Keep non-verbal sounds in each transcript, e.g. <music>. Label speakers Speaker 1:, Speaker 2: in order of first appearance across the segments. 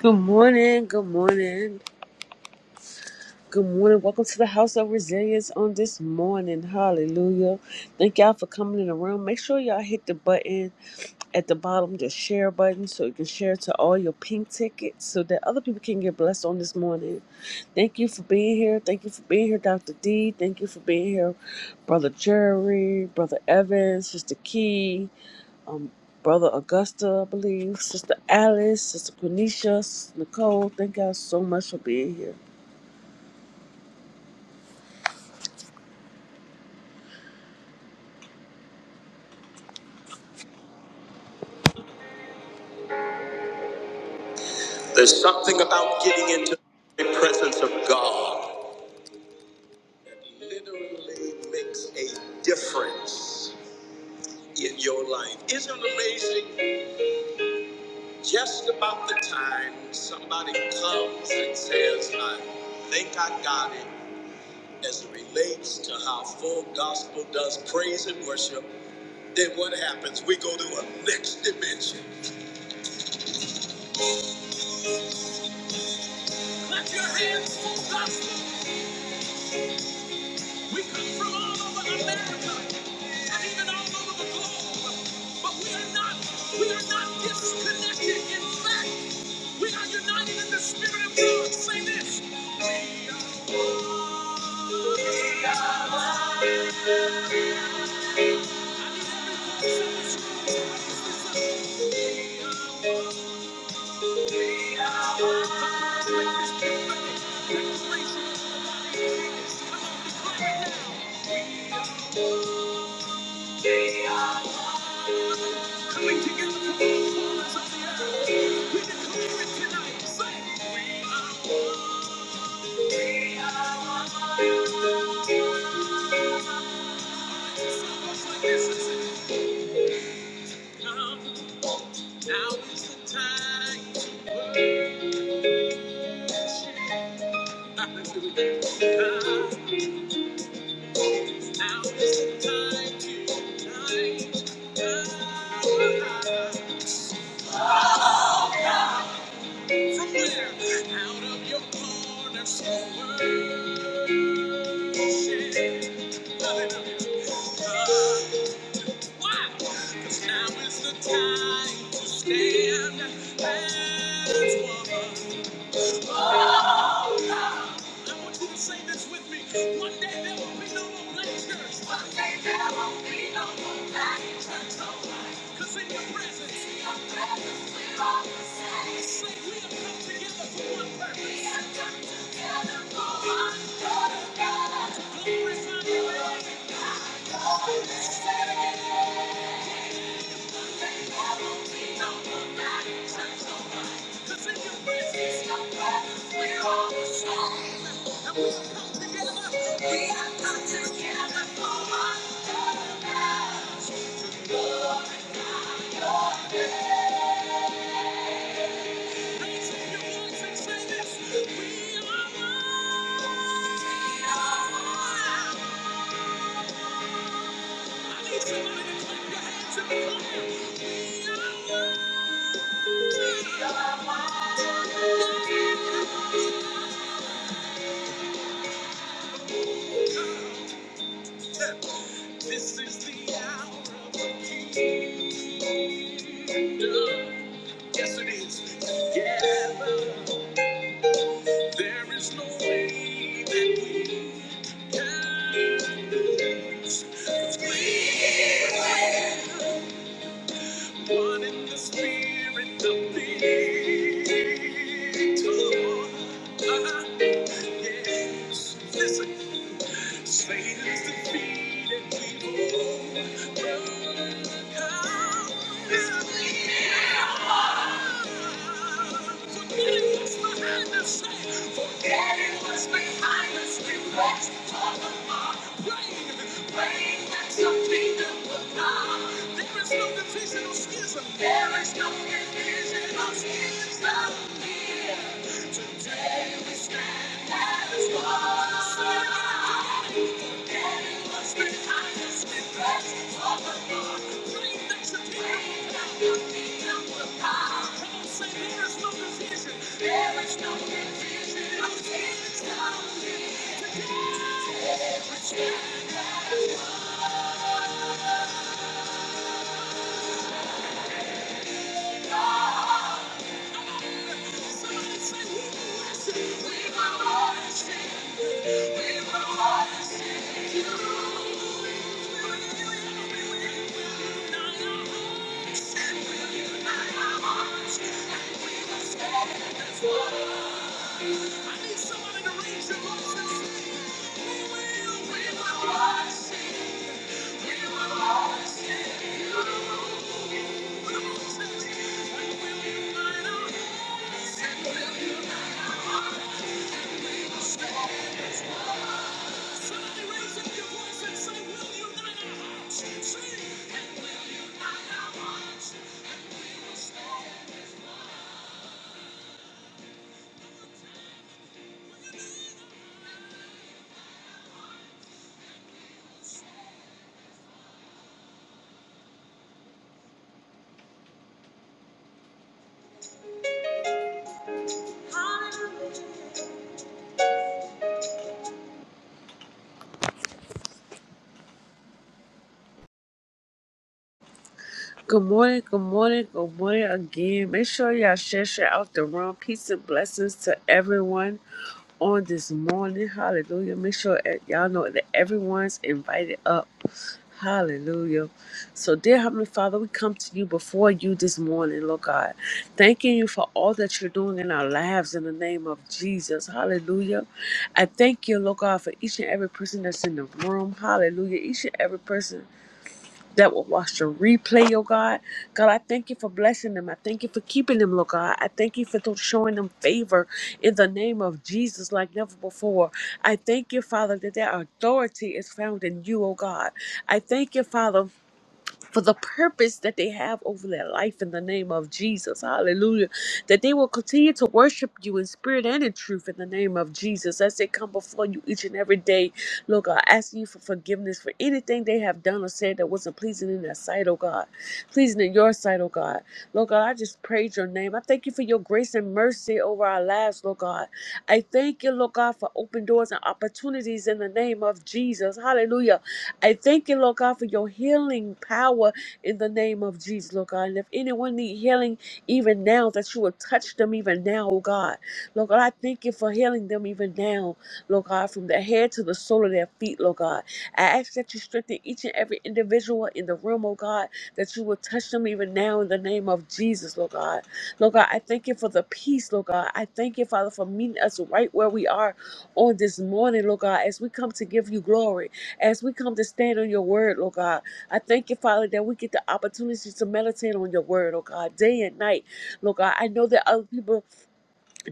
Speaker 1: Good morning, good morning, good morning. Welcome to the House of Resilience on this morning. Hallelujah. Thank y'all for coming in the room. Make sure y'all hit the button at the bottom, the share button, so you can share to all your pink tickets so that other people can get blessed on this morning. Thank you for being here. Thank you for being here, Dr. D. Thank you for being here, Brother Jerry, Brother Evans, Sister Key um, Brother Augusta, I believe, Sister Alice, Sister Quenisha, Sister Nicole. Thank y'all so much for being here. There's something about getting into the presence of God that literally makes a difference in your life. Isn't it amazing? Just about the time somebody comes and says, I think I got it, as it relates to how full gospel does praise and worship. Then what happens? We go to a next dimension. Clap your hands for gospel. We come from all over America and even all over the globe. But we are not, we are not disconnected. In fact, we are united in the spirit of God. Say this. We are one. We are one. I need every voice in this room to raise this up. We are one. Now is the time. Now is the time to stand as one. I want you to say this with me. One day there will be no more black church. One day there will be no more black church. Because in your presence, in your presence, we're all the same. Say we have come together for one purpose. We have come together for one purpose. To glorify your name. Say it again. We are one. I need somebody to clap your This is the hour of wonder. Yes, it is. Together, there is no way that we can lose. 'Cause we will. One in the spirit, of the Yes, listen. Satan is defeated, we will overcome. Forgetting what's behind us, say, forgetting what's behind us, we rest upon the mark. Rain, rain, that's something there is no division or schism. There is no division or schism here. Today we stand as one. Forgetting what's behind us, we press forward. Lord. Dream that's a kingdom will come. Come on, say there is no division. There is no division or schism here. Today we stand as one. Thank you. I need somebody to raise your voice and sing. We will, we will worship. We will worship you. Moses, and we'll unite our hands, and we'll unite our hearts, and we will stand as one. Somebody raise up your voice and say, we'll unite our hearts. Sing, and we'll unite our hearts, and we will stand as one. Good morning, good morning, good morning again. Make sure y'all share, share out the room. Peace and blessings to everyone. on this morning. Hallelujah. Make sure that y'all know that everyone's invited up. Hallelujah. So, dear Heavenly Father, we come to you before you this morning, Lord God. Thanking you for all that you're doing in our lives in the name of Jesus. Hallelujah. I thank you, Lord God, for each and every person that's in the room. Hallelujah. Each and every person that will watch the replay, oh God. God, I thank you for blessing them. I thank you for keeping them, Lord God. I thank you for showing them favor in the name of Jesus like never before. I thank you, Father, that their authority is found in you, oh God. I thank you, Father for the purpose that they have over their life in the name of Jesus. Hallelujah. That they will continue to worship you in spirit and in truth in the name of Jesus as they come before you each and every day. Lord God, asking you for forgiveness for anything they have done or said that wasn't pleasing in their sight, oh God. Pleasing in your sight, oh God. Lord God, I just praise your name. I thank you for your grace and mercy over our lives, Lord God. I thank you, Lord God, for open doors and opportunities in the name of Jesus. Hallelujah I thank you, Lord God, for your healing power in the name of Jesus, Lord God. And if anyone need healing even now, that you will touch them even now, oh God. Lord God, I thank you for healing them even now, Lord God, from their head to the sole of their feet, Lord God. I ask that you strengthen each and every individual in the room, oh God, that you will touch them even now in the name of Jesus, Lord God. Lord God, I thank you for the peace, Lord God. I thank you, Father, for meeting us right where we are on this morning, Lord God, as we come to give you glory. As we come to stand on your word, Lord God, I thank you, Father, that we get the opportunity to meditate on your word, Lord God, day and night. Lord God, I know that other people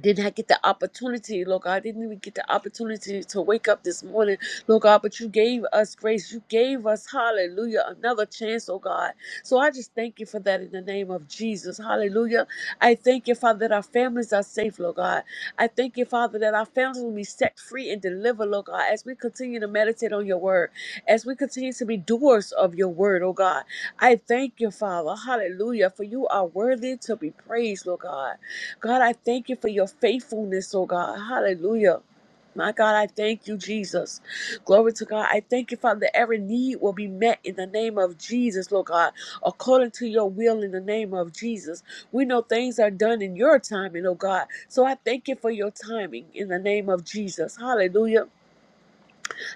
Speaker 1: did not I get the opportunity, Lord God. I didn't even get the opportunity to wake up this morning, Lord God. But you gave us grace. You gave us, hallelujah, another chance, oh God. So I just thank you for that in the name of Jesus. Hallelujah. I thank you, Father, that our families are safe, Lord God. I thank you, Father, that our families will be set free and delivered, Lord God, as we continue to meditate on your word, as we continue to be doers of your word, oh God. I thank you, Father. Hallelujah. For you are worthy to be praised, Lord God. God, I thank you for your faithfulness, oh God. Hallelujah. My God, I thank you, Jesus. Glory to God. I thank you, Father, that every need will be met in the name of Jesus, Lord God, according to your will in the name of Jesus. We know things are done in your timing, oh God. So I thank you for your timing in the name of Jesus. Hallelujah.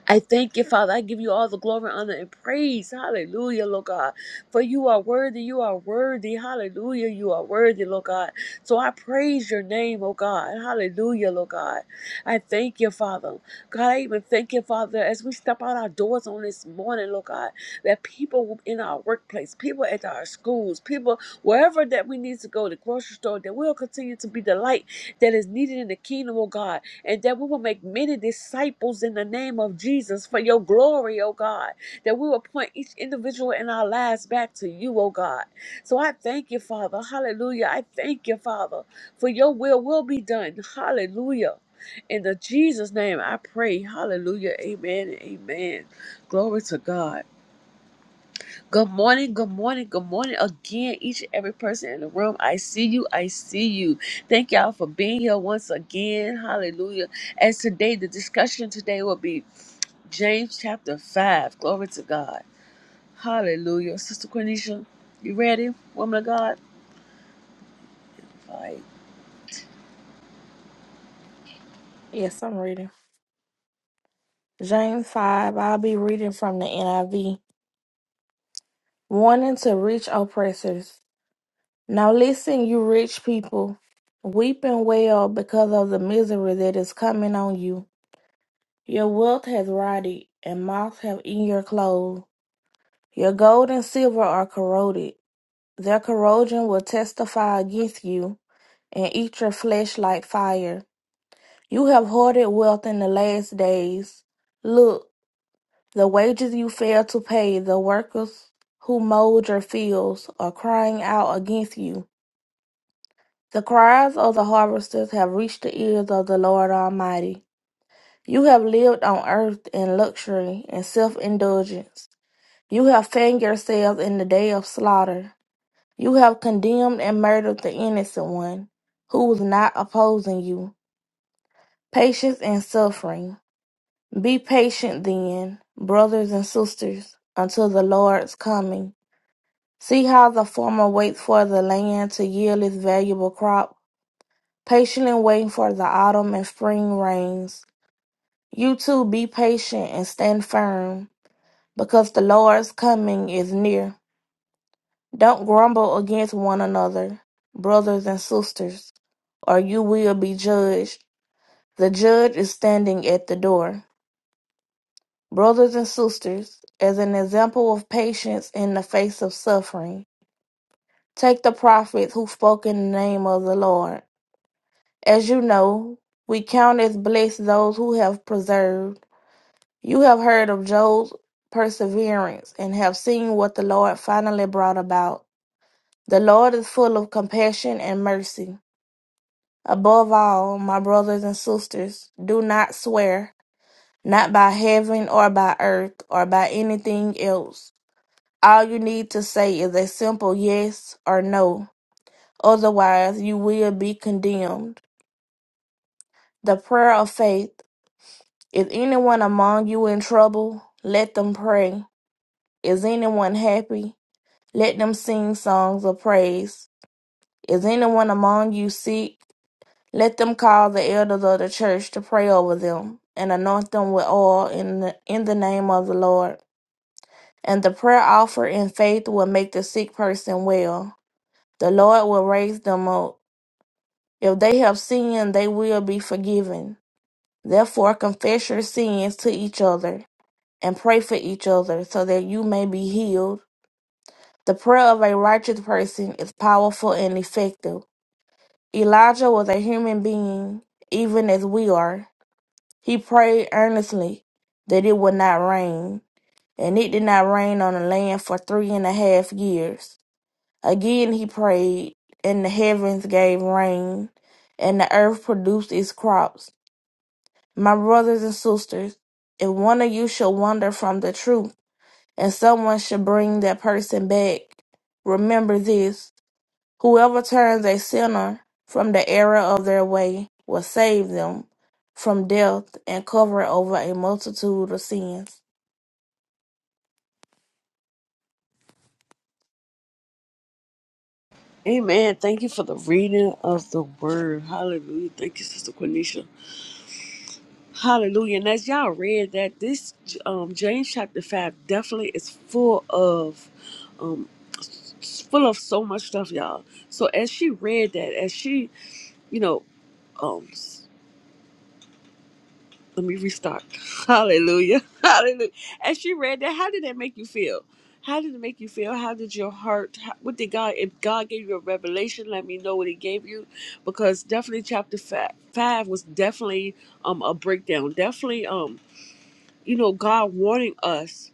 Speaker 1: I thank you, Father. I give you all the glory, honor, and praise. Hallelujah, Lord God. For you are worthy. You are worthy. Hallelujah. You are worthy, Lord God. So I praise your name, oh God. Hallelujah, Lord God. I thank you, Father. God, I even thank you, Father, as we step out our doors on this morning, Lord God, that people in our workplace, people at our schools, people wherever that we need to go, the grocery store, that we'll continue to be the light that is needed in the kingdom, oh God and that we will make many disciples in the name of Jesus for your glory, oh God, that we will point each individual in our lives back to you, oh God. So I thank you, Father. Hallelujah. I thank you, Father, for your will will be done. Hallelujah. In the Jesus name I pray. Hallelujah. Amen. Amen. Glory to God. Good morning, good morning, good morning again, each and every person in the room. I see you, I see you. Thank y'all for being here once again. Hallelujah. As today, the discussion today will be James chapter 5. Glory to God. Hallelujah. Sister Quenisha, you ready? Woman of God? All right.
Speaker 2: Yes, I'm reading. James 5, I'll be reading from the NIV. Warning to rich oppressors. Now listen, you rich people, weep and wail because of the misery that is coming on you. Your wealth has rotted, and moths have eaten your clothes. Your gold and silver are corroded. Their corrosion will testify against you and eat your flesh like fire. You have hoarded wealth in the last days. Look, The wages you fail to pay, the workers who mowed your fields are crying out against you. The cries of the harvesters have reached the ears of the Lord Almighty. You have lived on earth in luxury and self indulgence. You have fanned yourselves in the day of slaughter. You have condemned and murdered the innocent one who was not opposing you. Patience and suffering. Be patient then, brothers and sisters, until the Lord's coming. See how the farmer waits for the land to yield its valuable crop, patiently waiting for the autumn and spring rains. You too be patient and stand firm, because the Lord's coming is near. Don't grumble against one another, brothers and sisters, or you will be judged. The judge is standing at the door. Brothers and sisters, as an example of patience in the face of suffering, take the prophets who spoke in the name of the Lord. As you know, we count as blessed those who have persevered. You have heard of Job's perseverance and have seen what the Lord finally brought about. The Lord is full of compassion and mercy. Above all, my brothers and sisters, do not swear, not by heaven or by earth or by anything else. All you need to say is a simple yes or no. Otherwise, you will be condemned. The prayer of faith Is anyone among you in trouble? Let them pray. Is anyone happy? Let them sing songs of praise. Is anyone among you sick? Let them call the elders of the church to pray over them and anoint them with oil in the, in the name of the Lord. And the prayer offered in faith will make the sick person well. The Lord will raise them up. If they have sinned, they will be forgiven. Therefore, confess your sins to each other and pray for each other so that you may be healed. The prayer of a righteous person is powerful and effective. Elijah was a human being, even as we are. He prayed earnestly that it would not rain, and it did not rain on the land for three and a half years. Again he prayed, and the heavens gave rain, and the earth produced its crops. My brothers and sisters, if one of you shall wander from the truth, and someone should bring that person back. Remember this whoever turns a sinner from the error of their way will save them from death and cover over a multitude of sins.
Speaker 1: Amen. Thank you for the reading of the word. Hallelujah. Thank you, Sister Quenisha. Hallelujah. And as y'all read that, this um, James chapter 5 definitely is full of um, s- full of so much stuff, y'all. So as she read that, as she, you know, um, s- let me restart. <laughs> Hallelujah. <laughs> Hallelujah. As she read that, how did that make you feel? How did it make you feel? How did your heart, how, what did God, if God gave you a revelation, let me know what he gave you. Because definitely chapter five, five was definitely um, a breakdown. Definitely, um, you know, God warning us.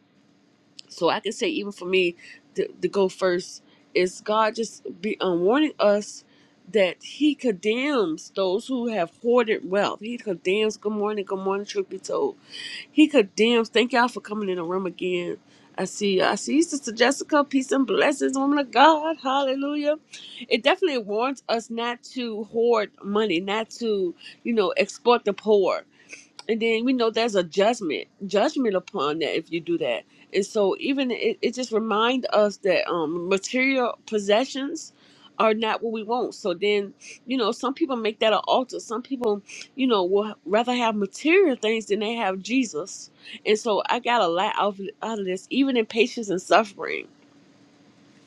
Speaker 1: So I can say, even for me to, to go first, is God just be um, warning us that He condemns those who have hoarded wealth. He condemns, good morning, good morning, truth be told. He condemns, thank y'all for coming in the room again. I see, I see Sister Jessica, peace and blessings, woman of God, hallelujah. It definitely warns us not to hoard money, not to, you know, exploit the poor and then we know there's a judgment judgment upon that if you do that and so even it, it just remind us that um material possessions are not what we want so then you know some people make that an altar some people you know will rather have material things than they have jesus and so i got a lot out of, out of this even in patience and suffering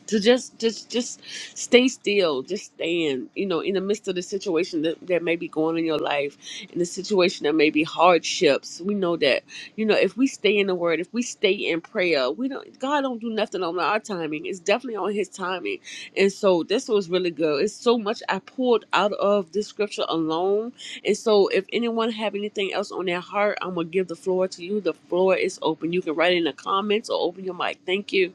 Speaker 1: to just just just stay still just stand you know in the midst of the situation that, that may be going on in your life in the situation that may be hardships we know that you know if we stay in the word if we stay in prayer we don't god don't do nothing on our timing it's definitely on his timing and so this was really good it's so much i pulled out of this scripture alone and so if anyone have anything else on their heart i'm gonna give the floor to you the floor is open you can write in the comments or open your mic thank you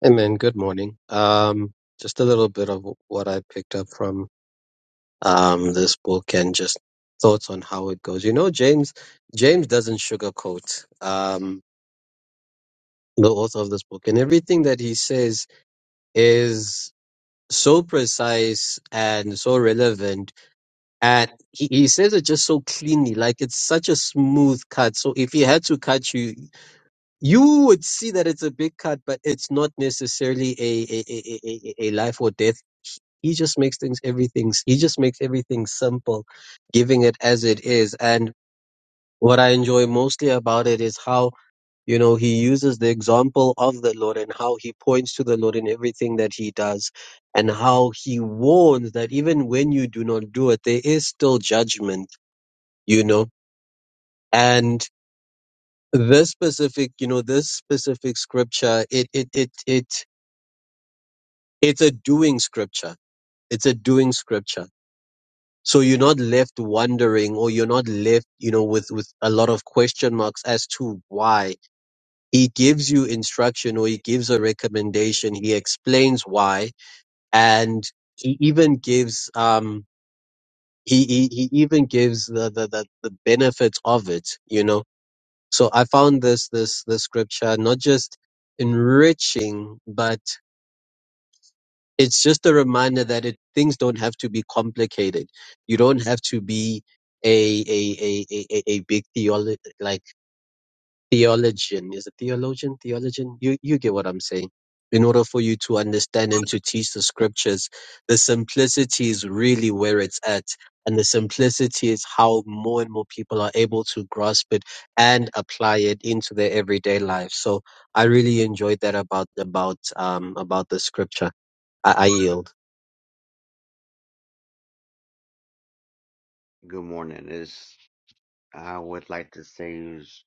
Speaker 3: Hey man, good morning. Um, just a little bit of what I picked up from um this book and just thoughts on how it goes. You know, James James doesn't sugarcoat um the author of this book, and everything that he says is so precise and so relevant, and he, he says it just so cleanly, like it's such a smooth cut. So if he had to cut you, you would see that it's a big cut, but it's not necessarily a a a, a, a a life or death He just makes things everything he just makes everything simple, giving it as it is. And what I enjoy mostly about it is how you know he uses the example of the Lord and how he points to the Lord in everything that he does, and how he warns that even when you do not do it, there is still judgment. You know, and this specific, you know, this specific scripture, it it it it it's a doing scripture. It's a doing scripture So you're not left wondering or you're not left, you know, with, with a lot of question marks as to why. He gives you instruction or he gives a recommendation. He explains why. And he even gives, um, he, he, he even gives the, the, the, the benefits of it, you know. So I found this, this, this scripture not just enriching, but it's just a reminder that it things don't have to be complicated. You don't have to be a a a a, a a big theolo- like theologian. Is a theologian? Theologian? You you get what I'm saying. In order for you to understand and to teach the scriptures, the simplicity is really where it's at. And the simplicity is how more and more people are able to grasp it and apply it into their everyday life. So I really enjoyed that about about um about the scripture. I, I yield.
Speaker 4: Good morning. Is I would like to say is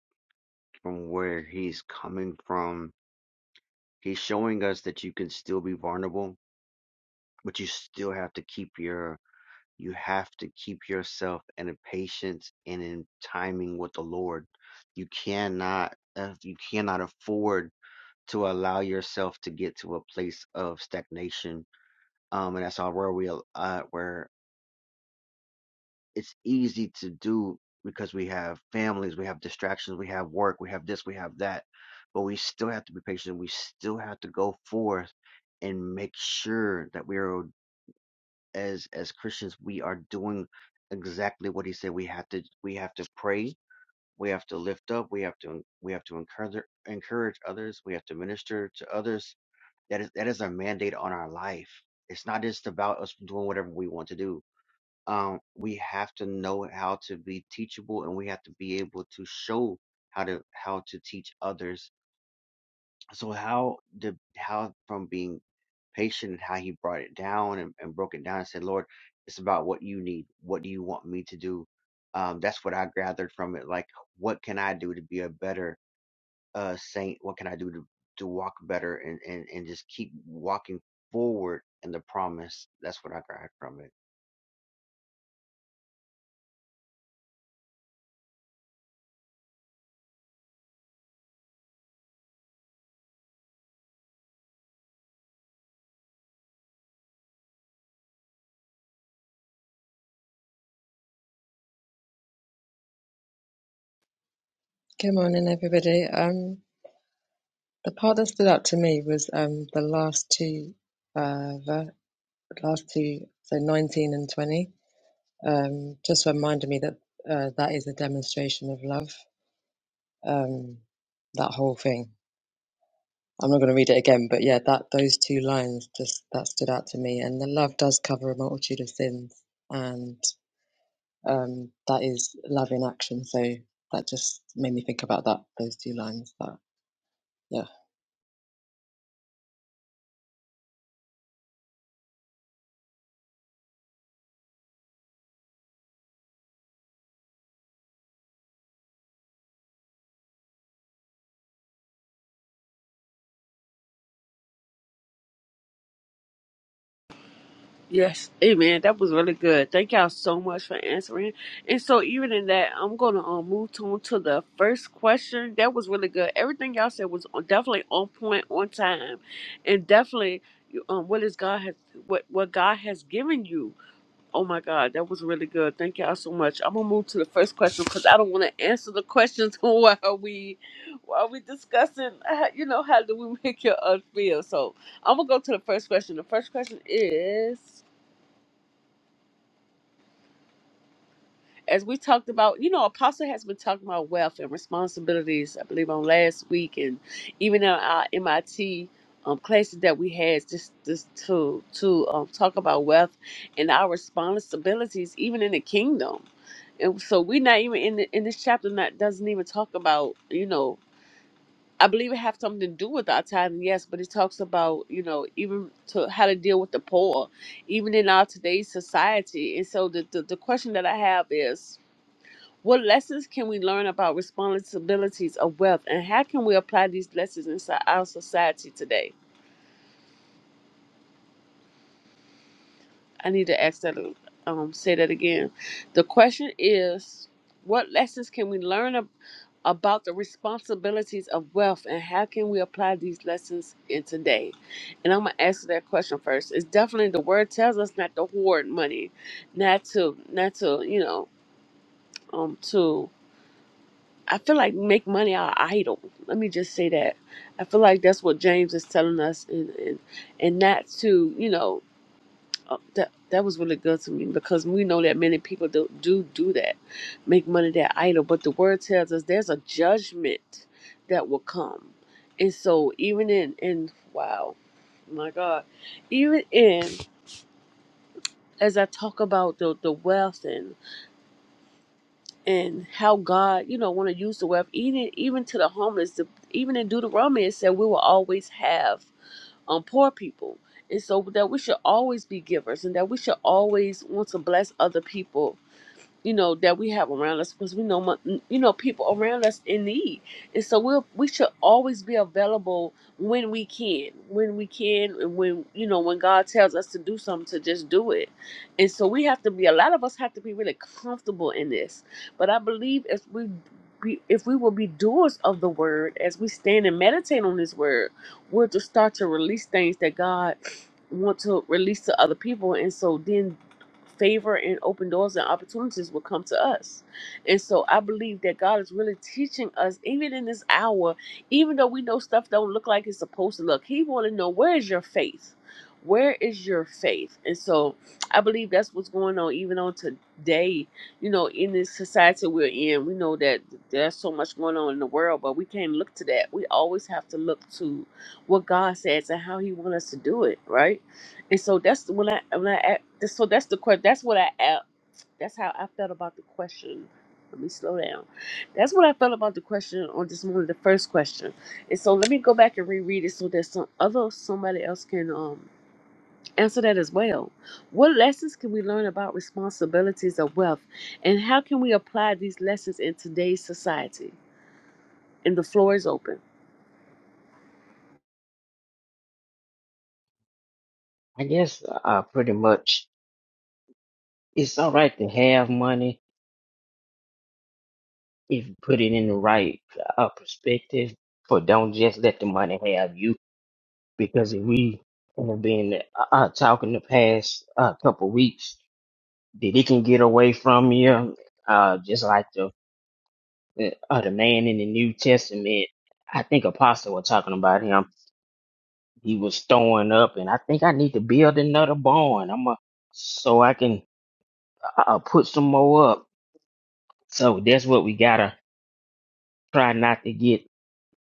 Speaker 4: from where he's coming from, he's showing us that you can still be vulnerable, but you still have to keep your you have to keep yourself in patience and in timing with the Lord. You cannot uh, you cannot afford to allow yourself to get to a place of stagnation. Um, and that's all where we uh, where it's easy to do because we have families, we have distractions, we have work, we have this, we have that. But we still have to be patient. We still have to go forth and make sure that we are as as Christians we are doing exactly what he said we have to we have to pray, we have to lift up, we have to we have to encourage encourage others, we have to minister to others. That is that is our mandate on our life. It's not just about us doing whatever we want to do um, we have to know how to be teachable and we have to be able to show how to how to teach others so how the how from being patient and how he brought it down and, and broke it down and said lord it's about what you need what do you want me to do um, that's what i gathered from it like what can i do to be a better uh, saint what can i do to, to walk better and, and, and just keep walking forward in the promise that's what i got from it
Speaker 5: Good morning, everybody. Um, the part that stood out to me was um the last two, uh, ver- last two, so nineteen and twenty. Um, just reminded me that uh, that is a demonstration of love. Um, that whole thing. I'm not going to read it again, but yeah, that those two lines just that stood out to me. And the love does cover a multitude of sins, and um, that is love in action. So that just made me think about that. Those two lines. That Yeah.
Speaker 1: Yes, amen. That was really good. Thank y'all so much for answering. And so, even in that, I'm gonna um, move on to the first question. That was really good. Everything y'all said was on, definitely on point, on time, and definitely you- um, what is God has what what God has given you. Oh my God, that was really good. Thank y'all so much. I'm gonna move to the first question because I don't want to answer the questions <laughs> while we while we discussing. How, you know how do we <laughs> make your us feel? So I'm gonna go to the first question. The first question is. as we talked about, you know, Apostle has been talking about wealth and responsibilities, I believe, on last week, and even in our MIT um, classes that we had just, just to to um, talk about wealth and our responsibilities, even in the kingdom. And so we're not even in the, in this chapter that doesn't even talk about, you know, I believe it have something to do with our tithing, yes, but it talks about, you know, even to how to deal with the poor, even in our today's society. And so the, the, the question that I have is what lessons can we learn about responsibilities of wealth, and how can we apply these lessons inside our society today? I need to ask that, um, say that again. The question is, what lessons can we learn ab- about the responsibilities of wealth, and how can we apply these lessons in today? And I'm gonna answer that question first. It's definitely the word tells us not to hoard money, not to, not to, you know, um, to I feel like make money our idol. Let me just say that. I feel like that's what James is telling us, and and, and not to you know uh, that that was really good to me because we know that many people do do do that, make money their idol. But the word tells us there's a judgment that will come, and so even in in wow, my God, even in as I talk about the the wealth and how God, you know, want to use the wealth, even even to the homeless. The, even in Deuteronomy, it said we will always have um poor people, and so that we should always be givers, and that we should always want to bless other people you know that we have around us because we know mo- you know people around us in need and so we will we should always be available when we can when we can and when you know when god tells us to do something to just do it and so we have to be a lot of us have to be really comfortable in this but i believe if we be, if we will be doers of the word as we stand and meditate on this word we're to start to release things that god want to release to other people and so then favor and open doors and opportunities will come to us. And so I believe that God is really teaching us, even in this hour, even though we know stuff don't look like it's supposed to look, He want to know where is your faith? Where is your faith? And so I believe that's what's going on even on today. You know, in this society we're in, we know that there's so much going on in the world, but we can't look to that. We always have to look to what God says and how He wants us to do it, right? And so that's when I when I a- so that's the question. That's what I a- that's how I felt about the question. Let me slow down. That's what I felt about the question on this morning, the first question. And so let me go back and reread it so that some other somebody else can um answer that as well. What lessons can we learn about responsibilities of wealth, and how can we apply these lessons in today's society? And the floor is open.
Speaker 6: I guess uh, pretty much it's all right to have money if you put it in the right uh, perspective, but don't just let the money have you. Because if we have been uh, uh, talking the past uh, couple weeks, that it can get away from you, uh, just like the uh, the man in the New Testament. I think Apostle was talking about him. He was throwing up, and I think I need to build another barn. I'm a, so I can uh, uh, put some more up. So that's what we gotta Try not to get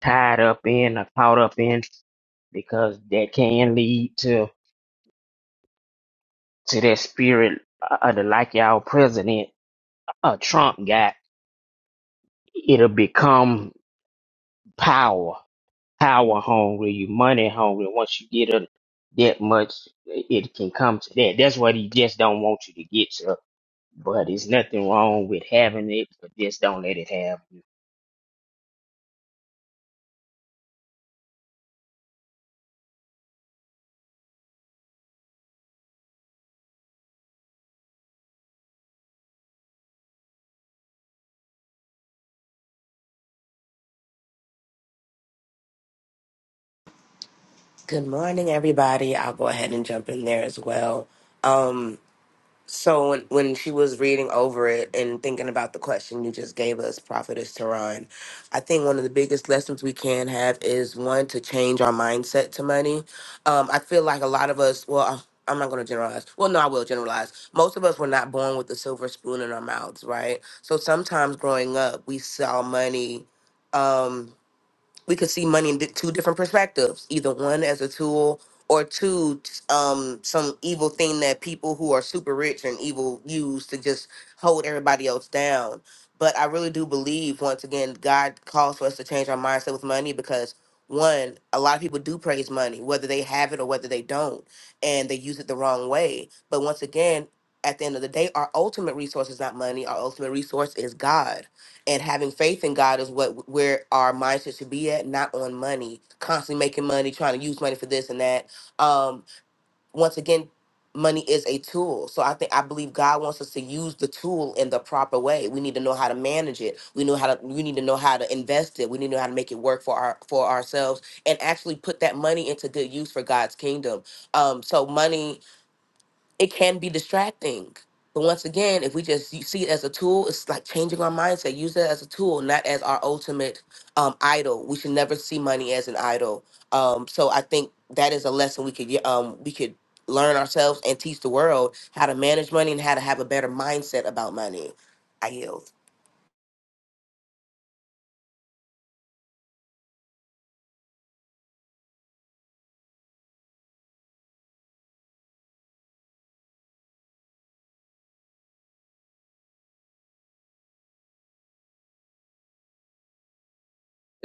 Speaker 6: tied up in or caught up in because that can lead to to that spirit of the like y'all president uh, Trump got. It'll become power, power hungry, you money hungry. Once you get a, that much, it can come to that. That's what he just don't want you to get to. But it's nothing wrong with having it, but just don't let it have you.
Speaker 7: Good morning, everybody. I'll go ahead and jump in there as well. Um, so when, when she was reading over it and thinking about the question you just gave us, Prophetess Tehran, I think one of the biggest lessons we can have is one to change our mindset to money. Um, I feel like a lot of us, well, I- I'm not going to generalize. Well, no, I will generalize. Most of us were not born with a silver spoon in our mouths, right? So sometimes growing up, we saw money. Um, we could see money in di- two different perspectives either one as a tool or two t- um some evil thing that people who are super rich and evil use to just hold everybody else down but i really do believe once again god calls for us to change our mindset with money because one a lot of people do praise money whether they have it or whether they don't and they use it the wrong way but once again at the end of the day our ultimate resource is not money our ultimate resource is god and having faith in God is what where our mindset should be at, not on money, constantly making money, trying to use money for this and that. Um, once again, money is a tool. So I think I believe God wants us to use the tool in the proper way. We need to know how to manage it. We know how to we need to know how to invest it. We need to know how to make it work for our for ourselves and actually put that money into good use for God's kingdom. Um, so money it can be distracting. But once again, if we just u- see it as a tool, it's like changing our mindset. Use it as a tool, not as our ultimate um, idol. We should never see money as an idol. Um, so I think that is a lesson we could y- um, we could learn ourselves and teach the world how to manage money and how to have a better mindset about money. I yield.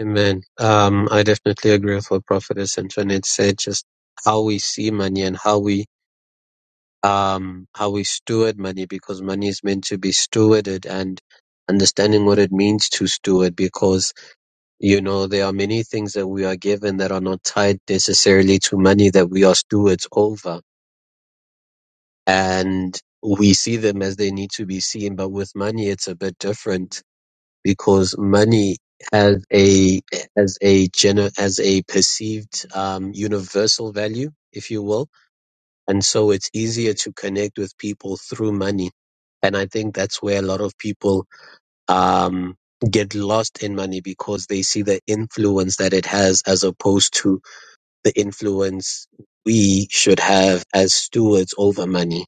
Speaker 3: Amen. Um, I definitely agree with what Prophetess Antoinette said, just how we see money and how we um how we steward money because money is meant to be stewarded and understanding what it means to steward because you know there are many things that we are given that are not tied necessarily to money that we are stewards over and we see them as they need to be seen but with money it's a bit different because money has a has a gener has a perceived um, universal value, if you will, and so it's easier to connect with people through money. And I think that's where a lot of people um, get lost in money because they see the influence that it has as opposed to the influence we should have as stewards over money.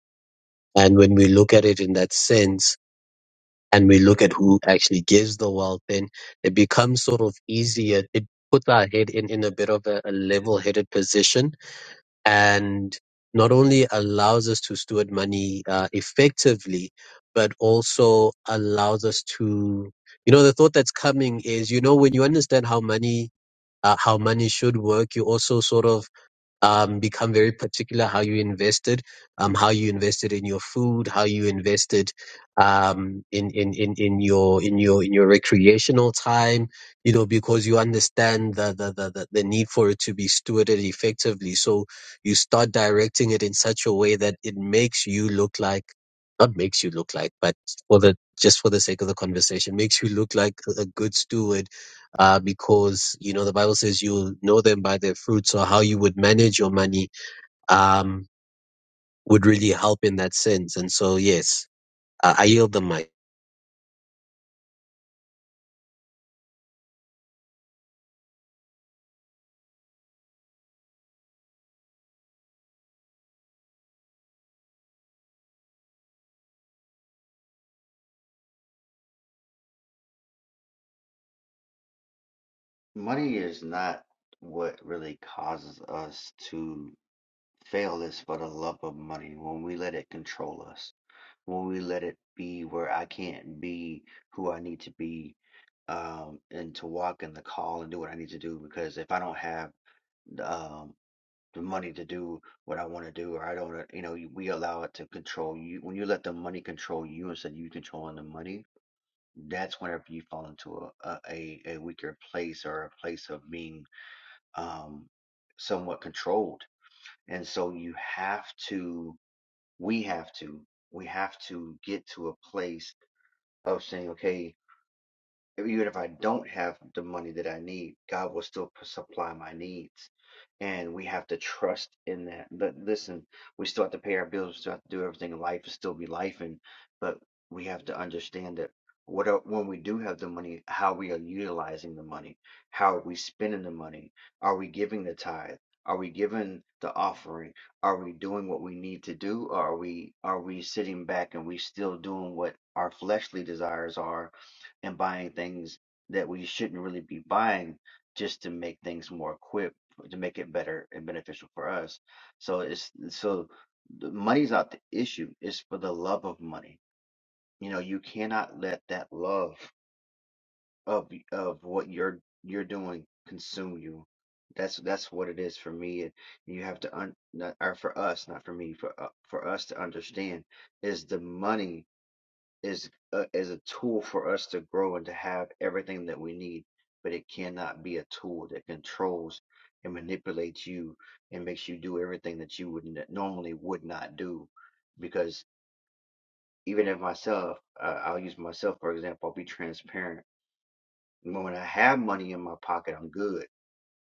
Speaker 3: And when we look at it in that sense, and we look at who actually gives the wealth Then it becomes sort of easier. It puts our head in, in a bit of a, a level headed position and not only allows us to steward money uh, effectively, but also allows us to, you know, the thought that's coming is, you know, when you understand how money, uh, how money should work, you also sort of um, become very particular how you invested, um, how you invested in your food, how you invested um, in, in in in your in your in your recreational time, you know, because you understand the the, the the the need for it to be stewarded effectively. So you start directing it in such a way that it makes you look like not makes you look like, but for the just for the sake of the conversation, makes you look like a a good steward uh, because you know the Bible says you'll know them by their fruit. So how you would manage your money um, would really help in that sense. And so yes, uh, I yield the mic.
Speaker 4: Money is not what really causes us to fail. It's for the love of money when we let it control us, when we let it be where I can't be who I need to be, um, and to walk in the call and do what I need to do. Because if I don't have um, the money to do what I want to do, or I don't, uh, you know, you- we allow it to control you. When you let the money control you instead of you controlling the money, that's whenever you fall into a, a, a a weaker place or a place of being um, somewhat controlled. And so you have to, we have to, we have to get to a place of saying, okay, even if I don't have the money that I need, God will still p- supply my needs. And we have to trust in that. But listen, we still have to pay our bills, we still have to do everything. Life is still be life, and but we have to understand that what are, when we do have the money, how we are utilizing the money, how are we spending the money? Are we giving the tithe? Are we giving the offering? Are we doing what we need to do? Or are we are we sitting back and we still doing what our fleshly desires are? and buying things that we shouldn't really be buying just to make things more equipped to make it better and beneficial for us. So it's so the money's not the issue. It's for the love of money. You know, you cannot let that love of of what you're you're doing consume you. That's that's what it is for me. And you have to un, not, or for us, not for me, for uh, for us to understand is the money is a, is a tool for us to grow and to have everything that we need, but it cannot be a tool that controls and manipulates you and makes you do everything that you would n- normally would not do. Because even if myself, uh, I'll use myself for example. I'll be transparent. When I have money in my pocket, I'm good.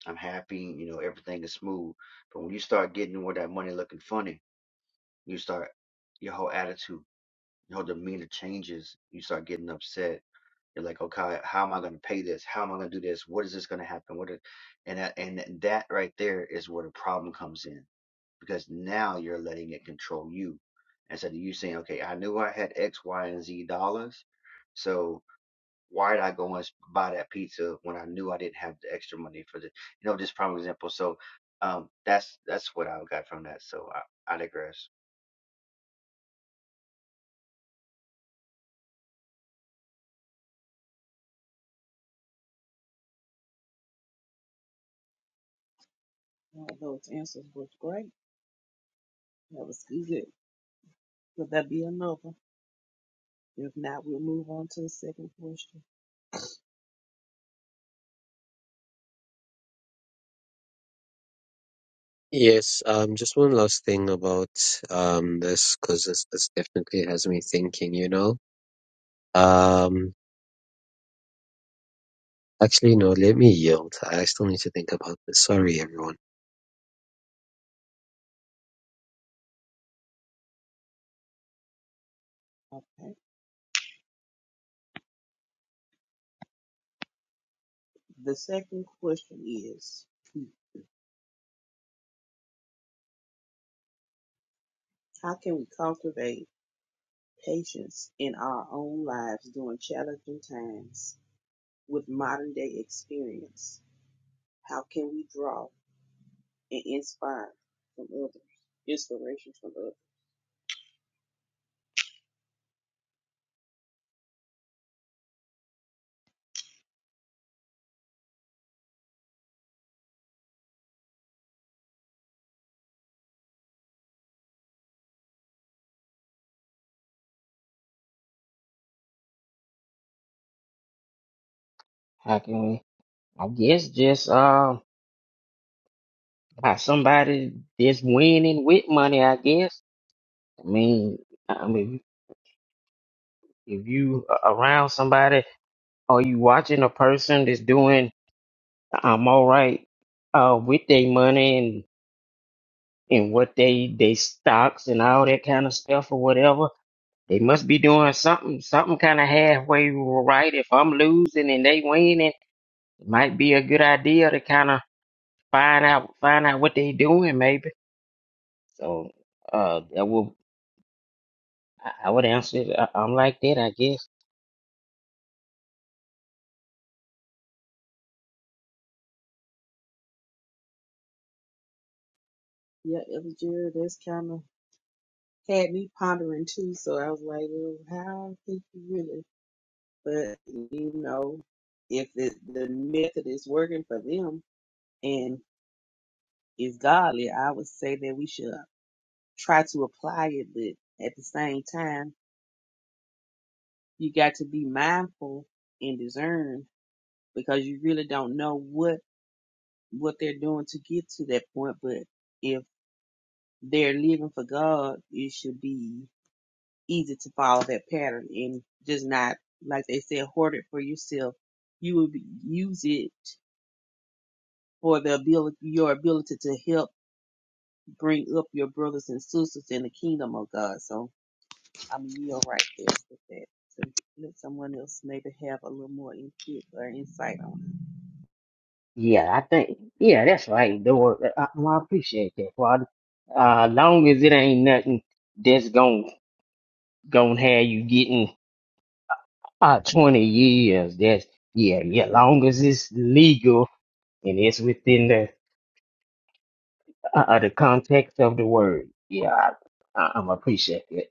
Speaker 4: I'm happy. You know, everything is smooth. But when you start getting where that money looking funny, you start your whole attitude, your whole demeanor changes. You start getting upset You're like, okay, how am I going to pay this? How am I going to do this? What is this going to happen? What? Is, and that, and that right there is where the problem comes in because now you're letting it control you instead of you saying, okay, I knew I had X, Y, and Z dollars, so why did I go and buy that pizza when I knew I didn't have the extra money for the, you know, just prime example. So, um, that's that's what I got from that. So I, I digress.
Speaker 8: All those answers were great. That was good. Would that be another? If not, we'll move on to the second question.
Speaker 3: Yes, um, just one last thing about um, this because this, this definitely has me thinking. You know, um, actually no, let me yield. I still need to think about this. Sorry, everyone.
Speaker 8: Okay. The second question is hmm, How can we cultivate patience in our own lives during challenging times with modern day experience? How can we draw and inspire from others? Inspiration from others.
Speaker 6: How can we? I guess just um by somebody that's winning with money, I guess. I mean, I mean, if you a- around somebody or you watching a person that's doing, I'm all right uh, with their money and and what they they stocks and all that kind of stuff or whatever, they must be doing something something kind of halfway right. If I'm losing and they winning, it might be a good idea to kind of find out find out what they doing maybe. So uh, I, I would answer it. I, I'm like that, I guess.
Speaker 8: Yeah, it was Jared. That's kind of had me pondering too. So I was like, well, how can you really But you know, if it, the method is working for them and is godly, I would say that we should try to apply it. But at the same time, you got to be mindful and discern because you really don't know what what they're doing to get to that point. But if they're living for God, it should be easy to follow that pattern and just not, like they said, hoard it for yourself. You would be- use it for the ability, your ability to help bring up your brothers and sisters in the kingdom of God. So I'm a yield right there with that. So let someone else maybe have a little more input or insight on it.
Speaker 6: Yeah, I think. Yeah, that's right. The word. I, I appreciate that, Father. Uh, long as it ain't nothing that's gon' gon' have you getting uh 20 years. That's yeah, yeah. Long as it's legal and it's within the uh, uh, the context of the word. Yeah, I, I, I'm appreciate that.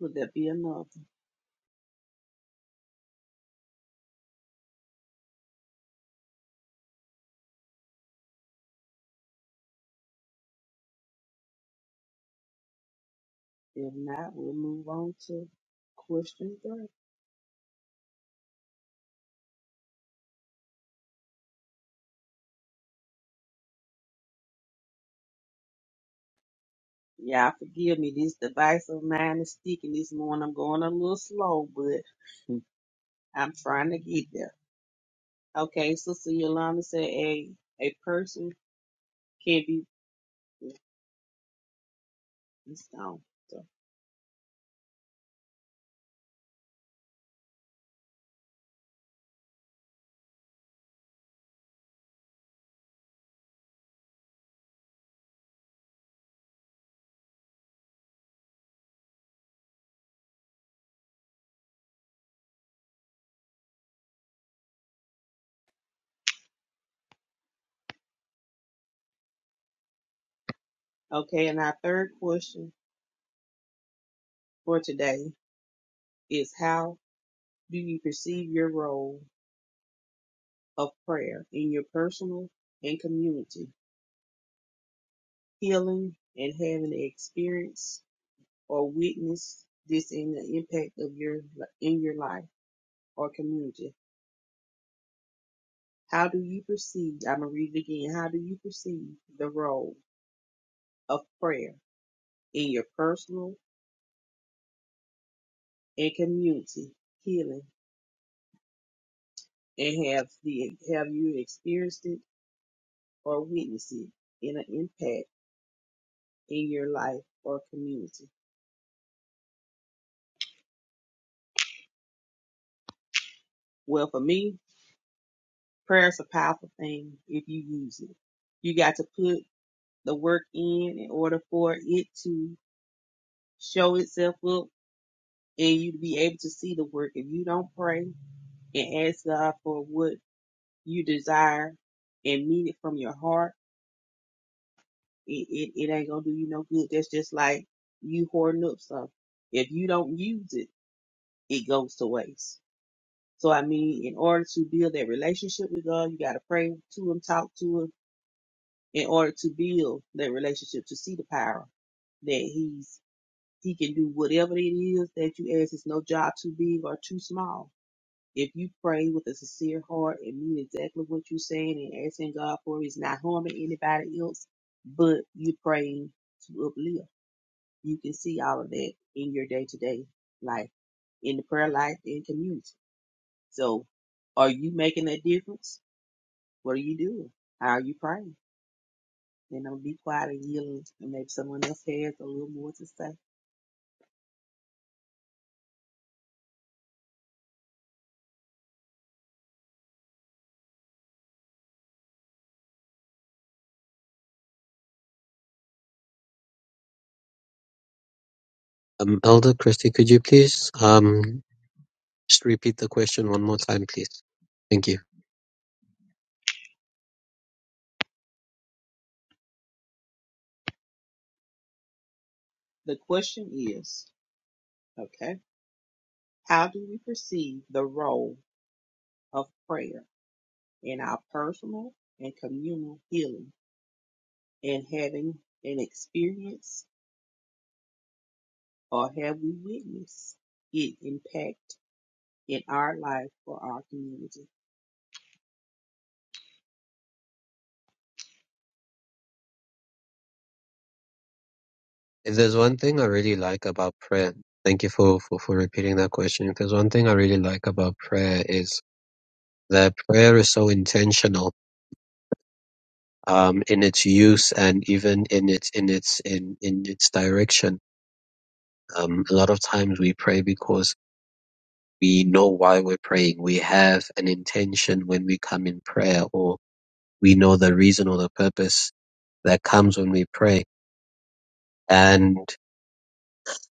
Speaker 8: Would that be enough? If not, we'll move on to question three. Yeah, forgive me. This device of mine is sticking this morning. I'm going a little slow, but <laughs> I'm trying to get there. Okay, Sister Yolanda said a a person can be it's gone. So Okay, and our third question for today is how do you perceive your role of prayer in your personal and community, healing and having the experience or witness this in the impact of your in your life or community? How do you perceive I'm gonna read it again, how do you perceive the role of prayer in your personal and community healing and have the have you experienced it or witness it in an impact in your life or community? Well, for me, prayer is a powerful thing if you use it. You got to put the work in in order for it to show itself up and you to be able to see the work. If you don't pray and ask God for what you desire and mean it from your heart, it, it, it ain't gonna do you no good. That's just like you hoarding up something. If you don't use it, it goes to waste So I mean, in order to build that relationship with God, you gotta pray to him, talk to him, in order to build that relationship to see the power that he's he can do whatever it is that you ask. It's no job too big or too small. If you pray with a sincere heart and mean exactly what you're saying and asking God for it, it's not harming anybody else, but you're praying to uplift. You can see all of that in your day to day life, in the prayer life, in community. So are you making a difference? What do you do? How are you praying? You know, be quiet and yield, and maybe someone else has a little more to say.
Speaker 3: Um, Elder Christie, could you please um, just repeat the question one more time, please? Thank you.
Speaker 8: The question is, okay, how do we perceive the role of prayer in our personal and communal healing and having an experience or have we witnessed it impact in our life or our community?
Speaker 3: If there's one thing I really like about prayer, thank you for, for, for repeating that question. If there's one thing I really like about prayer is that prayer is so intentional um, in its use and even in its in its in, in its direction. Um, a lot of times we pray because we know why we're praying. We have an intention when we come in prayer, or we know the reason or the purpose that comes when we pray, and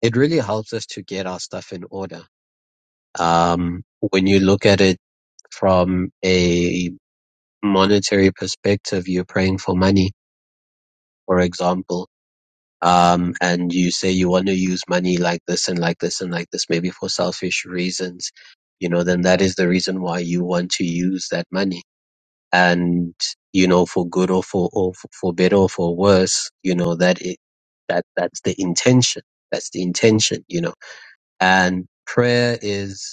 Speaker 3: it really helps us to get our stuff in order um, when you look at it from a monetary perspective, you're praying for money, for example, um, and you say you want to use money like this and like this and like this, maybe for selfish reasons, you know, then that is the reason why you want to use that money. And, you know, for good or for, or f- for better or for worse, you know, that it, that, that's the intention. That's the intention, you know, and prayer is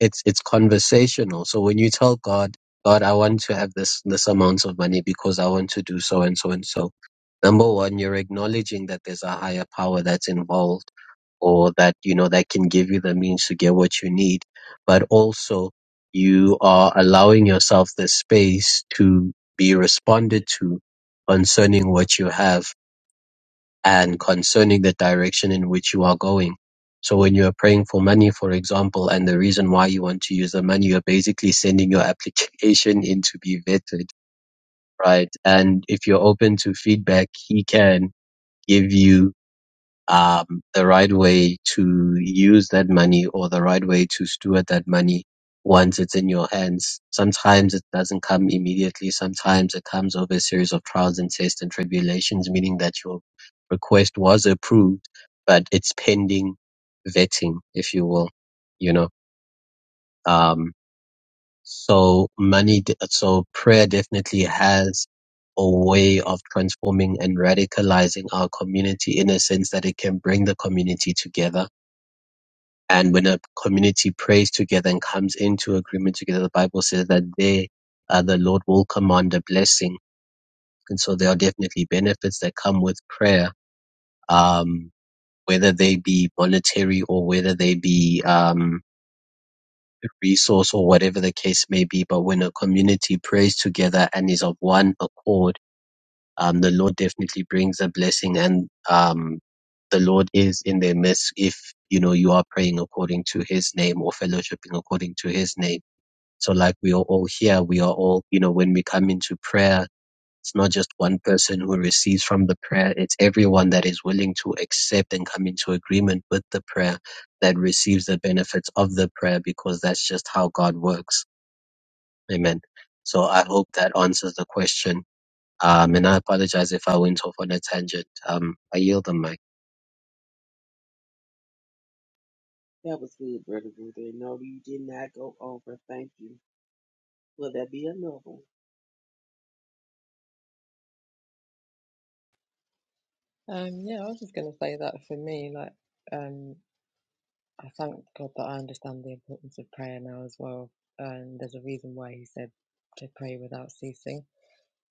Speaker 3: it's it's conversational. So when you tell God, God, I want to have this this amount of money because I want to do so and so and so. Number one, you're acknowledging that there's a higher power that's involved or that you know that can give you the means to get what you need, but also you are allowing yourself the space to be responded to concerning what you have and concerning the direction in which you are going. So when you are praying for money, for example, and the reason why you want to use the money, you're basically sending your <laughs> application in to be vetted, right? And if you're open to feedback, he can give you um, the right way to use that money or the right way to steward that money once it's in your hands. Sometimes it doesn't come immediately. Sometimes it comes over a series of trials and tests and tribulations, meaning that your request was approved, but it's pending vetting, if you will, you know. Um, so money, de- so prayer definitely has a way of transforming and radicalizing our community in a sense that it can bring the community together. And when a community prays together and comes into agreement together, the Bible says that they, uh, the Lord will command a blessing. And so there are definitely benefits that come with prayer, um, whether they be monetary or whether they be, um, resource or whatever the case may be. But when a community prays together and is of one accord, um, the Lord definitely brings a blessing and um, the Lord is in their midst if you know you are praying according to his name or fellowshipping according to his name. So like we are all here, we are all, you know, when we come into prayer, it's not just one person who receives from the prayer, it's everyone that is willing to accept and come into agreement with the prayer that receives the benefits of the prayer because that's just how God works. Amen. So I hope that answers the question. Um, and I apologize if I went off on a tangent. Um, I yield the mic.
Speaker 8: That was good, Brother Rudy. No, you did not go over. Thank you. Will there be another one?
Speaker 5: Um, yeah, I was just going to say that for me, like, um, I thank God that I understand the importance of prayer now as well. And there's a reason why He said to pray without ceasing.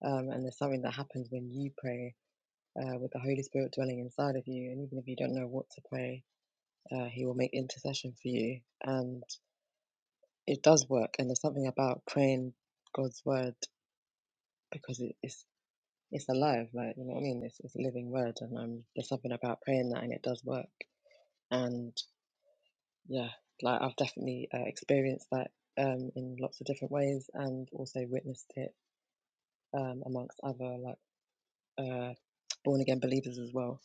Speaker 5: Um, and there's something that happens when you pray uh, with the Holy Spirit dwelling inside of you. And even if you don't know what to pray, uh, He will make intercession for you. And it does work and there's something about praying god's word because it, it's it's alive like you know what i mean it's, it's a living word and um, there's something about praying that and it does work and yeah like i've definitely uh, experienced that um, in lots of different ways and also witnessed it um, amongst other like uh, born again believers as well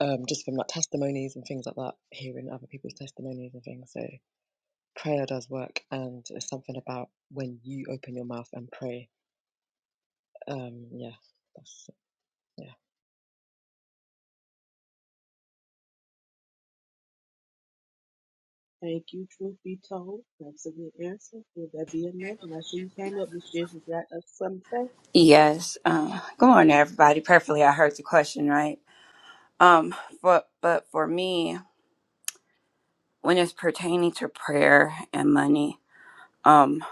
Speaker 5: um, just from like testimonies and things like that hearing other people's testimonies and things so prayer does work and there's something about when you open your mouth and pray Um, yeah, that's it. Yeah.
Speaker 8: Thank you, truth be told. That's a good answer. Will that be enough? And I see you came up with just got us something.
Speaker 9: Yes. Um, good morning, everybody. Perfectly, I heard the question right. Um, but but for me, when it's pertaining to prayer and money, um,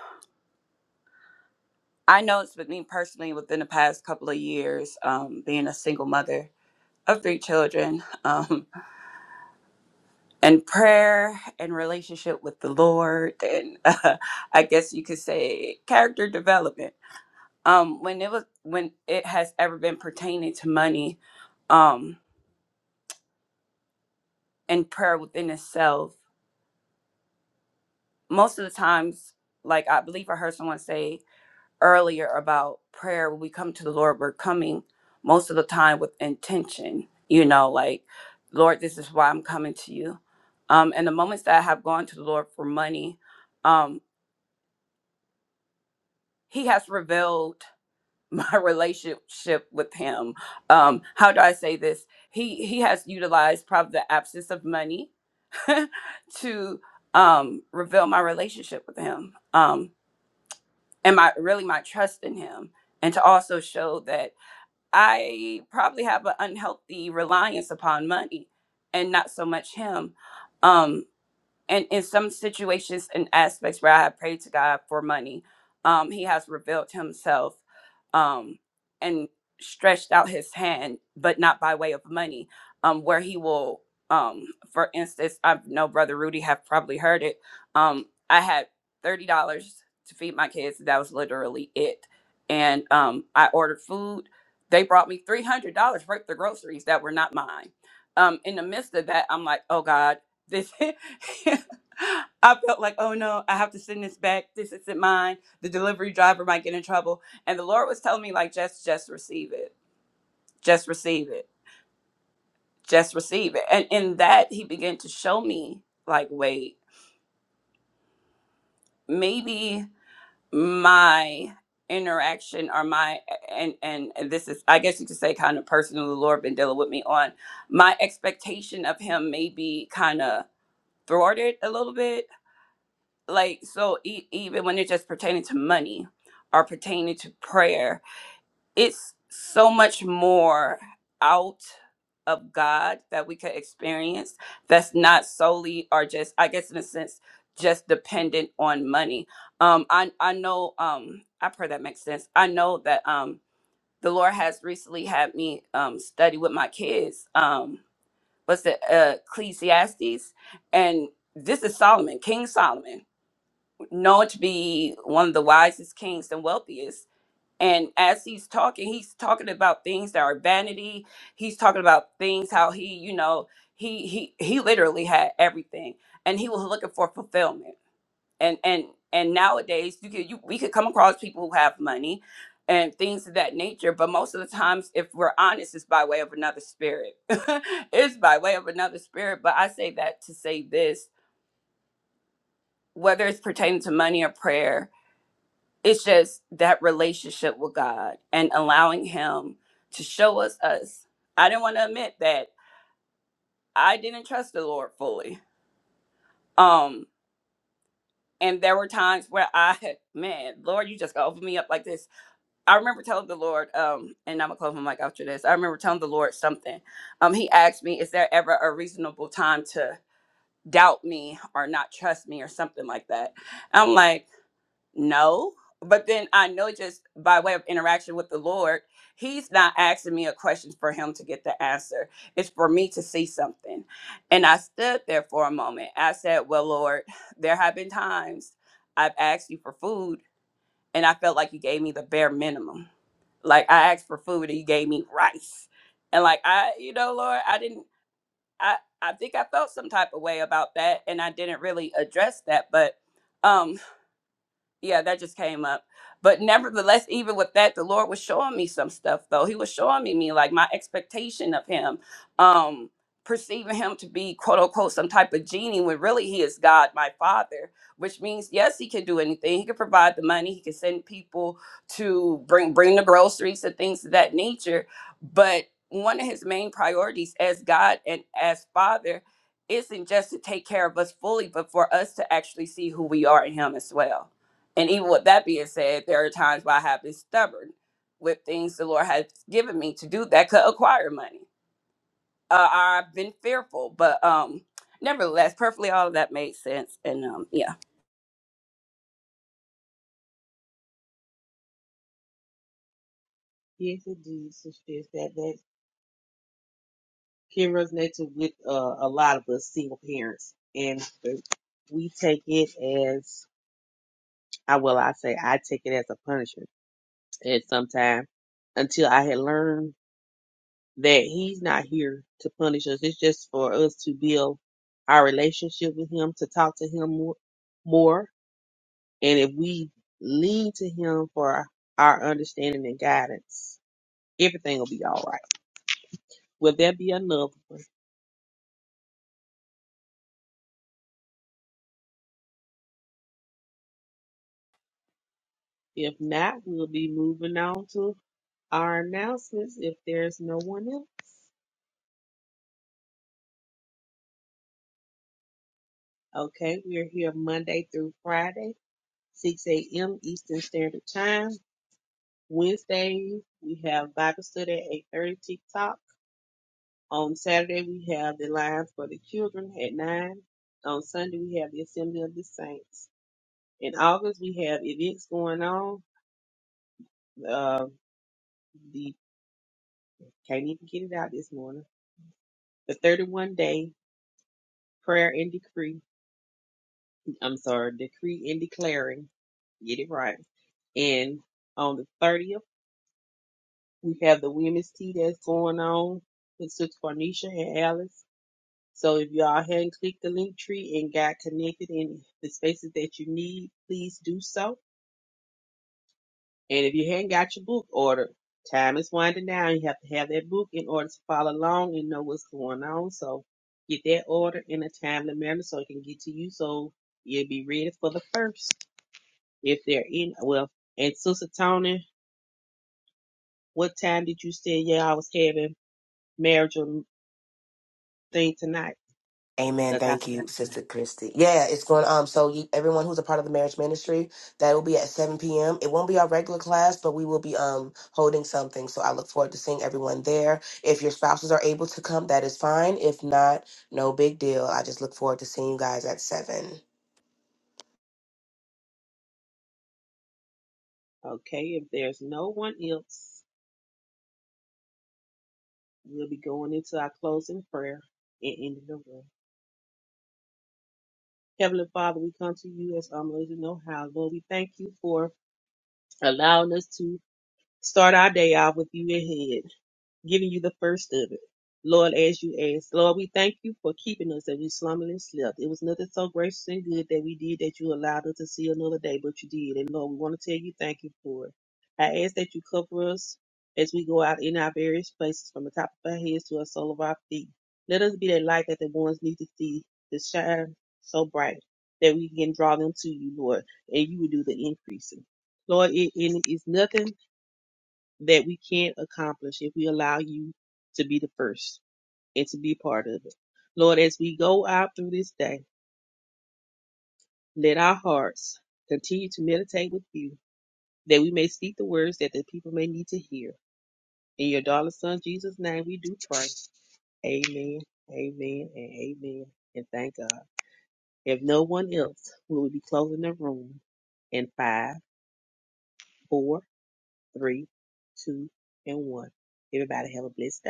Speaker 9: I know it's with me personally within the past couple of years, um, being a single mother of three children, <laughs> um, and prayer and relationship with the Lord, and <laughs> uh, I guess you could say character development. Um, when it was when it has ever been pertaining to money, um, and prayer within itself. most of the times, like I believe I heard someone say earlier about prayer, when we come to the Lord, we're coming most of the time with intention, you know, like, Lord, this is why I'm coming to you. Um, and the moments that I have gone to the Lord for money, um, He has revealed <laughs> my relationship with Him. Um, how do I say this? He He has utilized probably the absence of money <laughs> to um, reveal my relationship with Him. Um, and my really my trust in him and to also show that i probably have an unhealthy reliance upon money and not so much him Um, and in some situations and aspects where I have prayed to God for money, um, He has revealed Himself um, and stretched out His hand, but not by way of money, um, where He will, um, for instance, I know Brother Rudy have probably heard it. Um, I had thirty dollars to feed my kids. That was literally it, and um, I ordered food. They brought me three hundred dollars worth of groceries that were not mine. Um, in the midst of that, I'm like, "Oh God, this <laughs> I felt like, oh no, I have to send this back. This isn't mine. The delivery driver might get in trouble. And the Lord was telling me, like, just just receive it. Just receive it. Just receive it. And in that he began to show me, like, wait, maybe my interaction or my and and and this is I guess you could say kind of personal the Lord been dealing with me on my expectation of him may be kind of thwarted a little bit like so e- even when it just pertaining to money or pertaining to prayer it's so much more out of god that we could experience that's not solely or just i guess in a sense just dependent on money um i i know um i pray that makes sense i know that um the lord has recently had me um study with my kids um what's the uh, ecclesiastes and this is solomon king solomon known to be one of the wisest kings and wealthiest. And as he's talking, he's talking about things that are vanity. He's talking about things how he, you know, he he he literally had everything, and he was looking for fulfillment. And and and nowadays, you could you we could come across people who have money and things of that nature, but most of the times, if we're honest, it's by way of another spirit. <laughs> it's by way of another spirit. But I say that to say this, whether it's pertaining to money or prayer, it's just that relationship with God and allowing Him to show us us. I didn't want to admit that I didn't trust the Lord fully. Um, and there were times where I, <laughs> had, man, Lord, you just gonna open me up like this. I remember telling the Lord, um, and I'm gonna close my mic after this. I remember telling the Lord something. Um, He asked me, "Is there ever a reasonable time to doubt me or not trust me or something like that?" I'm like. No. But then I know just by way of interaction with the Lord, He's not asking me a question for Him to get the answer. It's for me to see something. And I stood there for a moment. I said, Well, Lord, there have been times I've asked you for food and I felt like you gave me the bare minimum. Like I asked for food and you gave me rice. And like I, you know, Lord, I didn't I I think I felt some type of way about that and I didn't really address that. But um, yeah, that just came up. But nevertheless, even with that, the Lord was showing me some stuff though. He was showing me me like my expectation of him, um, perceiving him to be quote unquote some type of genie when really he is God, my father, which means yes, he can do anything. He can provide the money, he can send people to bring bring the groceries and things of that nature. But one of his main priorities as God and as father isn't just to take care of us fully, but for us to actually see who we are in him as well and even with that being said, there are times where I have been stubborn with things the Lord has given me to do that could acquire money. Uh, I've been fearful, but um, nevertheless, perfectly all of that made sense. And um, yeah.
Speaker 8: Yes, indeed, So, Yes, that that can resonate to with uh, a lot of us single parents, and uh, we take it as I will. I say I take it as a punishment at some time until I had learned that He's not here to punish us. It's just for us to build our relationship with Him, to talk to Him more, more And if we lean to Him for our understanding and guidance, everything will be all right. Will there be another one? If not, we'll be moving on to our announcements if there's no one else. Okay, we are here Monday through Friday, 6 a.m. Eastern Standard Time. Wednesdays, we have Bible study at 8.30 TikTok. On Saturday, we have the Lines for the Children at 9. On Sunday, we have the Assembly of the Saints In August, we have events going on. Uh, the can't even get it out this morning. The 31 day prayer and decree. I'm sorry, decree and declaring. Get it right. And on the 30th, we have the women's tea that's going on with Sister Farnisha and Alice. So if y'all hadn't clicked the link tree and got connected in the spaces that you need, please do so. And if you hadn't got your book ordered, time is winding down. You have to have that book in order to follow along and know what's going on. So get that order in a timely manner so it can get to you so you'll be ready for the first. If they're in, well, and Sister Tony, what time did you say? Yeah, I was having marital thing tonight
Speaker 7: Amen.
Speaker 8: because I
Speaker 7: Thank
Speaker 8: forgot
Speaker 7: you,
Speaker 8: the
Speaker 7: Sister
Speaker 8: time.
Speaker 7: Christy. Yeah, it's going um so you, everyone who's a part of the marriage ministry, that will be at 7 p.m. It won't be our regular class, but we will be um holding something. So I look forward to seeing everyone there. If your spouses are able to come, that is fine. If not, no big deal. I just look forward to seeing you guys at 7.
Speaker 8: Okay, if there's no one else, we'll be going into our closing prayer and ending the room. Heavenly Father, we come to you as humble as we know how. Lord, we thank you for allowing us to start our day off with you ahead giving you the first of it. Lord, as you ask, Lord, we thank you for keeping us as we slumbered and slept. It was nothing so gracious and good that we did that you allowed us to see another day, but you did. And Lord, we want to tell you thank you for it. I ask that you cover us as we go out in our various places, from the top of our heads to the sole of our feet. Let us be that light that the ones need to see, to shine so bright that we can draw them to you, Lord, and you will do the increasing. Lord, it, it is nothing that we can't accomplish if we allow you to be the first and to be part of it. Lord, as we go out through this day, let our hearts continue to meditate with you, that we may speak the words that the people may need to hear. In your darling son Jesus' name we do pray. Amen, amen, and amen. And thank God. If no one else, we will be closing the room in five, four, three, two, and one. Everybody have a blessed day.